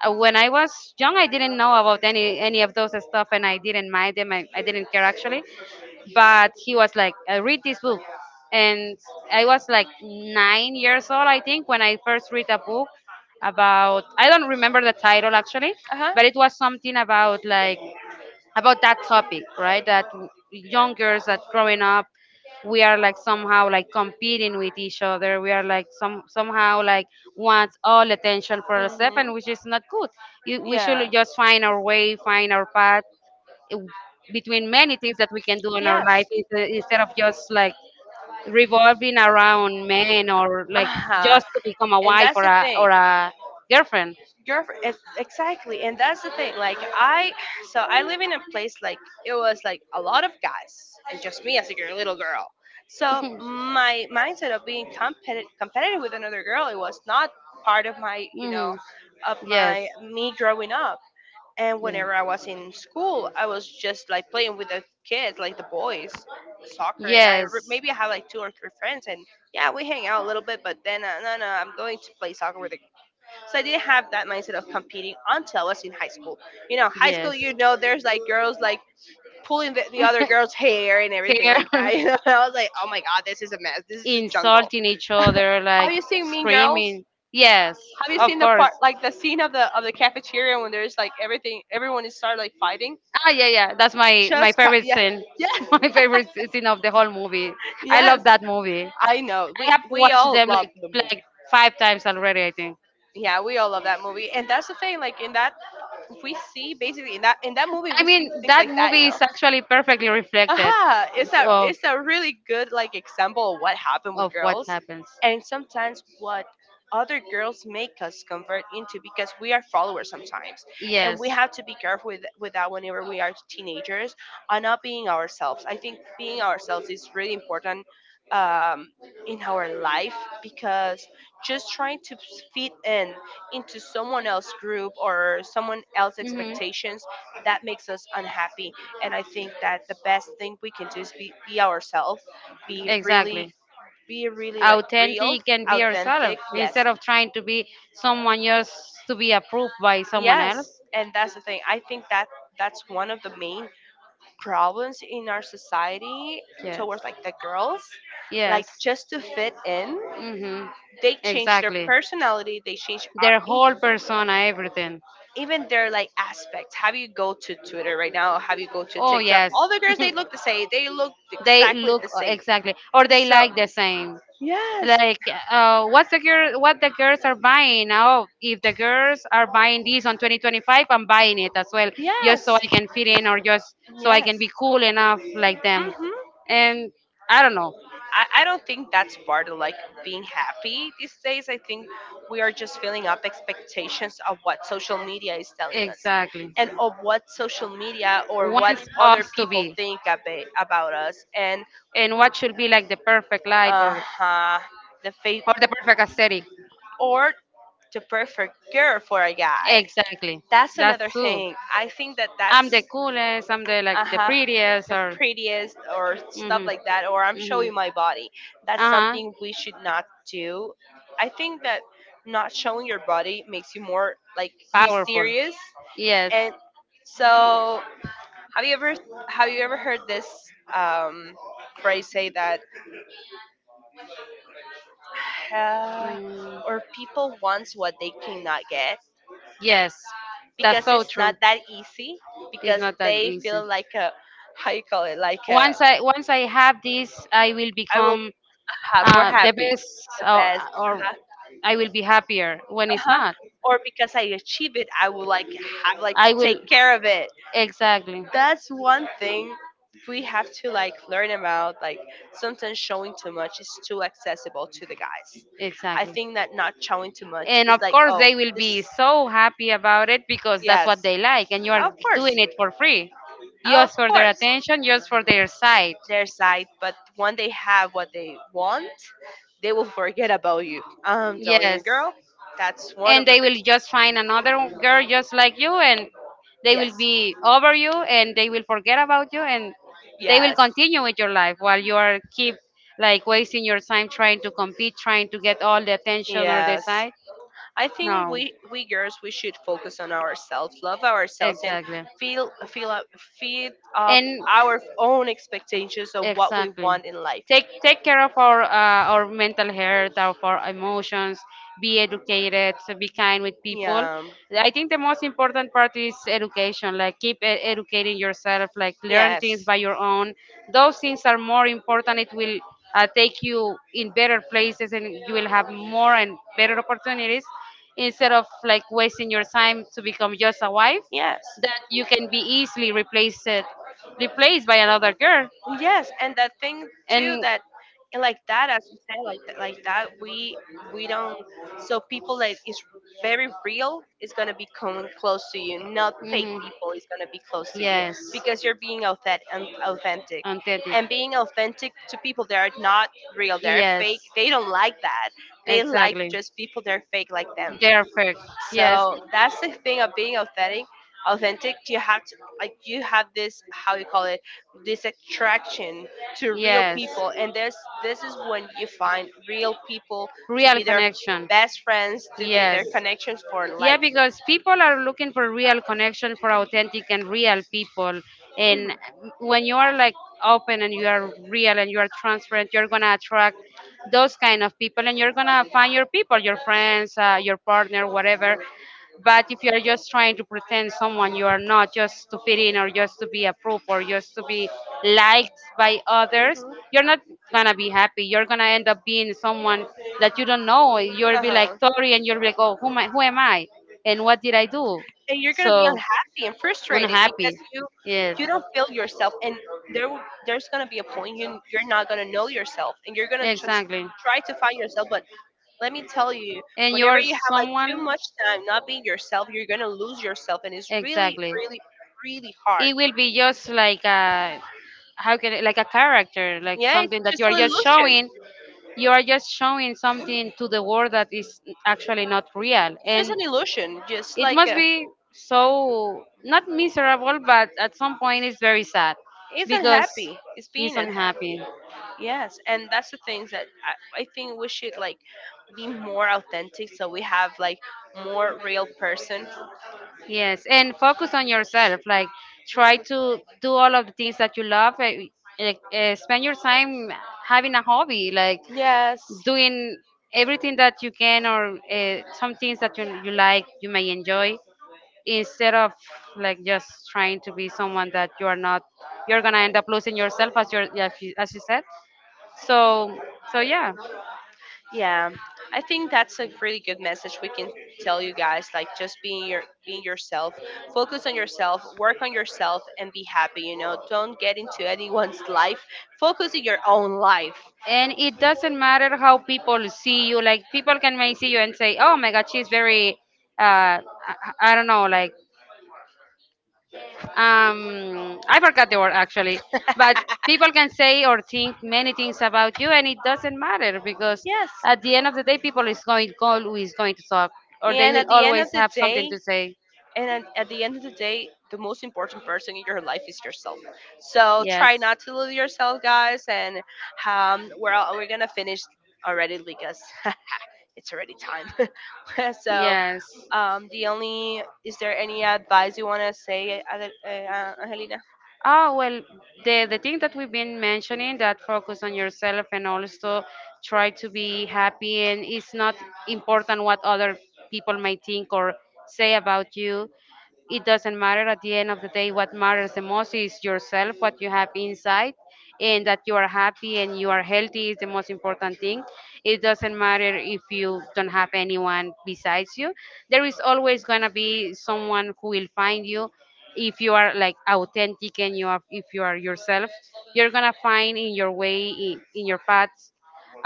B: when I was young, I didn't know about any of those stuff, and I didn't mind them. I didn't care actually, but he was like, read this book." And I was like 9 years old, I think, when I first read a book about, I don't remember the title actually, but it was something about like, about that topic, right? Young girls that growing up, we are like somehow like competing with each other. We are like somehow like wants all attention for ourselves, and which is not good. We should just find our way, find our path, w- between many things that we can do in our life is, instead of just like revolving around men or
A: uh
B: like
A: huh.
B: just to become a wife or a girlfriend.
A: Girlfriend, it's exactly, and that's the thing, like, I so I live in a place like it was like a lot of guys and just me as a girl, little girl. So my mindset of being competitive with another girl, it was not part of my
B: Hmm.
A: of
B: Yes.
A: my me growing up. And whenever I was in school, I was just like playing with the kids like the boys, soccer, and
B: Yeah. Yes.
A: maybe I have like two or three friends. And yeah, we hang out a little bit, but then no, no, I'm going to play soccer
B: So
A: with the. So I
B: they
A: didn't
B: have that
A: have
B: kind
A: that mindset of
B: of
A: competing
B: competing
A: until
B: until
A: I was
B: us
A: in
B: for
A: high
B: high school.
A: school. You
B: You
A: know,
B: know,
A: high
B: high
A: school, you
B: school
A: know, there's like
B: girls
A: girls like
B: like pulling
A: pulling the,
B: the
A: the other
B: other
A: girl's
B: girls' hair,
A: hair and everything
B: care,
A: like that. You
B: you know,
A: know, I was like, oh my god, this is a mess. This is a jungle.
B: insulting each
A: Have
B: other, like, "Have you
A: you
B: seen
A: seen
B: Carol?"
A: Mean Girls?
B: screaming. Yes, Have
A: Have you
B: you of
A: seen
B: seen
A: the
B: course.
A: part,
B: That
A: like the scene of the cafeteria
B: material
A: when
B: when you're
A: there's
B: just like
A: like everything, everyone is started like
B: every...
A: fighting?
B: Ah, yeah, yeah. That's my
A: Just cut.
B: favorite
A: Yeah.
B: scene.
A: Yeah.
B: Yes, my favorite scene of the whole movie. I
A: Yes.
B: love that movie.
A: I know.
B: I
A: We
B: have
A: we
B: watched so
A: all
B: them
A: love
B: like
A: the
B: like
A: movie.
B: five times already, I think.
A: Yeah, we all love that movie, and that's the thing. Like in that we see basically in that movie
B: I
A: we see
B: mean,
A: things
B: that
A: like that, you
B: movie
A: know.
B: is actually perfectly reflected,
A: Aha,
B: yeah,
A: it's
B: you
A: a
B: know,
A: it's a really good like example of what happened with
B: of what
A: girls,
B: happens.
A: and sometimes what other girls make us convert into, because we are followers sometimes, and we
B: Yes.
A: have to be careful with that whenever we are teenagers, on not being ourselves. I think being ourselves is really important, um, in our life, because just trying to fit in into someone else's group or someone else's
B: Mhm.
A: expectations, that makes us unhappy. And I think that the best thing we can do is be ourselves, be really,
B: Exactly.
A: be really like real,
B: Authentic and be
A: authentic.
B: yourself
A: Yes,
B: instead of trying to be someone just to be approved by someone
A: yes,
B: else.
A: and that's the thing. I think that that's one of the main problems in our society
B: Yes.
A: towards like the girls, like
B: Yes.
A: just to fit in.
B: Mm-hmm.
A: They change their
B: Exactly.
A: personality. They change our
B: Their whole persona, everything.
A: even their like aspects. Have you go to Twitter right now? Have you go to
B: Oh,
A: TikTok?
B: yes.
A: All the girls they look the same. They look
B: They
A: exactly
B: look
A: the same.
B: exactly, or they
A: So,
B: like the same.
A: yes.
B: Like, what the girls are buying. Oh, if the girls are buying this on 2025, I'm buying it as well just so
A: Yes.
B: I can fit in or just so I
A: Yes.
B: can be cool enough like them.
A: Mm-hmm.
B: And I don't know.
A: I don't think that's part of like being happy these days. I think we are just filling up expectations of what social media is telling us,
B: Exactly.
A: and of what social media or what
B: Wants
A: other
B: us to
A: people
B: be
A: think about us, and
B: and what should be like the perfect life,
A: uh-huh, the faith
B: or the perfect aesthetic.
A: or the perfect girl for a guy.
B: Exactly.
A: That's
B: That's
A: another
B: true.
A: thing. I think that that
B: I'm the coolest. I'm the like
A: uh
B: the
A: huh,
B: prettiest.
A: the
B: Or
A: prettiest or stuff
B: mhm,
A: like that, or I'm
B: mhm.
A: showing my body. That's
B: Uh huh.
A: something we should not do. I think that not showing your body makes you more like
B: Powerful.
A: mysterious.
B: Yes.
A: And so, have you ever have you ever heard this um, phrase say that, uh,
B: Mm.
A: or people wants what they cannot get,
B: Yes, that's
A: because
B: so
A: it's not
B: true.
A: that easy,
B: It's
A: because
B: not that
A: they
B: easy.
A: feel like a, how you call it, like a,
B: Once I, once I have this, I will
A: I will
B: become
A: more
B: the
A: happy,
B: best,
A: the best.
B: or I will be happier. When it's
A: Uh-huh.
B: not,
A: Or because I achieve it, I will like have like to
B: I will
A: take care of it.
B: exactly.
A: That's one thing we have to like learn about. Like sometimes showing too much is too accessible to the guys. I
B: Exactly.
A: think that not showing too much
B: And
A: is
B: of
A: like,
B: course,
A: oh
B: they will be so happy about it because that's
A: yes,
B: what they like, and you
A: of
B: are
A: course,
B: doing it for free,
A: of
B: just for their
A: course,
B: attention, just for their sight.
A: their side. But when they have what they want, they will forget about you. I'm telling you,
B: Yes.
A: girl, that's one of
B: And
A: the.
B: they will just find another girl just like you, and they
A: Yes.
B: will be over you, and they will forget about you, and they will
A: Yes.
B: continue with your life while you are keep like wasting your time trying to compete, trying to get all the attention or the
A: Yes.
B: sight.
A: I think
B: No.
A: we girls we should focus on ourselves, love ourselves, and
B: Exactly.
A: feel feel up, feed up
B: And
A: our own expectations of what we
B: exactly,
A: want in life.
B: take care of our mental health, of our emotions, be educated, so be kind with people.
A: Yeah.
B: I think the most important part is education, like, keep educating yourself, like, learn
A: Yes.
B: things by your own. Those things are more important. It will, take you in better places and you will have more and better opportunities instead of like wasting your time to become just a wife
A: Yes.
B: that you can be easily replaced, replaced by another girl.
A: Yes, and the thing too
B: And
A: that and like that, as you said, like that we don't so people that is very real is gonna be coming close to you, not fake
B: hmm.
A: people is gonna be close to you,
B: Yes.
A: because you're being authentic.
B: Authentic.
A: And being authentic to people that are not real, they're
B: Yes.
A: fake, they don't like that. They like
B: Exactly.
A: just people that are fake like them.
B: They're fake. Yes.
A: So that's the thing of being authentic. Authentic, you have to like you have this, how you call it, this attraction to real
B: Yes.
A: people, and this is when you find real people, to
B: Real
A: be their
B: connection.
A: best friends, to be
B: Yes.
A: their connections for life.
B: Yeah, because people are looking for real connection, for authentic and real people.
A: Mhm.
B: And when you are like open and you are real and you are transparent, you're gonna attract those kind of people and you're gonna find your people, your friends, your partner, whatever. But if you're just trying to pretend someone you are not just to fit in or just to be approved or just to be liked by others, you're not gonna be happy. You're gonna end up being someone that you don't know. You'll
A: Uh
B: be like
A: huh. And
B: Tori and
A: you're
B: you'll be
A: like,
B: like,
A: oh,
B: oh, who am
A: why am
B: I, who am
A: I?
B: I?
A: And what did I
B: And what did I do?
A: do? And you're gonna be
B: So
A: unhappy and frustrated because
B: unhappy.
A: you
B: Yes,
A: you don't feel yourself, and there's gonna be a point you're not gonna know yourself, and you're gonna just
B: exactly.
A: try to find yourself. But let me tell you,
B: And
A: whenever
B: you're
A: you have like too
B: someone
A: much time not being yourself, you're gonna lose yourself, and it's really
B: exactly.
A: really really hard.
B: It will be just like a, how can it, like a character, like
A: Yeah, it's
B: something that
A: just
B: you are
A: an
B: just
A: illusion.
B: showing. You are just showing something to the world that is actually not real,
A: It's just
B: and
A: an illusion. Just
B: it
A: like
B: must be so not miserable, but at some point it's very sad
A: it's
B: because
A: unhappy. It's
B: he's
A: being unhappy.
B: unhappy.
A: Yes, and that's the things that I think we should like be more authentic, so we have like more real person.
B: Yes, and focus on yourself. Like, try to do all of the things that you love. Like, spend your time having a hobby, like
A: Yes.
B: doing everything that you can, or some things that you like, you may enjoy, instead of like just trying to be someone that you are not. You're gonna end up losing yourself, as you said. So so yeah.
A: Yeah, I think that's a really good message we can tell you guys. Like, just being your being yourself, focus on yourself, work on yourself, and be happy. You know, don't get into anyone's life. Focus on your own life.
B: And it doesn't matter how people see you. Like, people can may see you and say, oh my god, she's very I don't know, like, I forgot the word actually, but people can say or think many things about you and it doesn't matter because
A: Yes.
B: at the end of the day people is going call who is going to talk, or they
A: And
B: will
A: at the end
B: always
A: of the
B: have something
A: day,
B: to say.
A: and at the end of the day, the most important person in your life is yourself. So try
B: Yes.
A: not to lose yourself, guys. And we're gonna finish already, Ligas. It's already time. So
B: Yes.
A: the only is there any advice you wanna say, Angelina?
B: Ah, well, the thing that we've been mentioning, that focus on yourself and also try to be happy, and it's not important what other people may think or say about you. It doesn't matter at the end of the day. What matters the most is yourself, what you have inside, and that you are happy and you are healthy is the most important thing. It doesn't matter if you don't have anyone besides you. There is always going to be someone who will find you if you are like authentic and you are, if you are yourself, you're gonna find in your way in your path,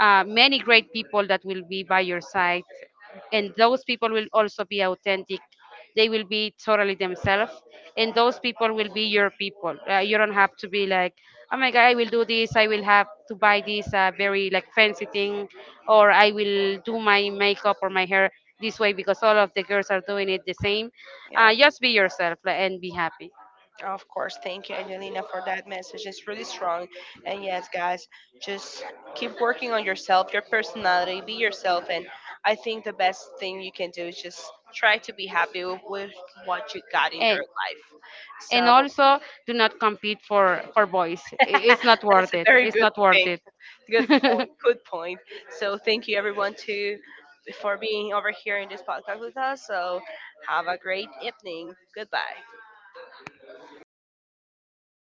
B: many great people that will be by your side, and those people will also be authentic. They will be totally themselves, and those people will be your people. You don't have to be like, oh my god, I will do this, I will have to buy this, very like fancy thing, or I will do my makeup or my hair this way because all of the girls are doing it the same.
A: Yeah.
B: Just be yourself, like, and be happy.
A: Of course, thank you, Angelina, for that message. It's really strong. And yes, guys, just keep working on yourself, your personality, be yourself. And I think the best thing you can do is just try to be happy with what you got in your
B: And
A: life.
B: and
A: So
B: also do not compete for boys. It's not
A: that's
B: worth
A: a
B: it,
A: very
B: it's
A: good
B: not worth
A: thing.
B: it.
A: Good point. Good point. So thank you, everyone, to for being over here in this podcast with us. So have a great evening. Goodbye.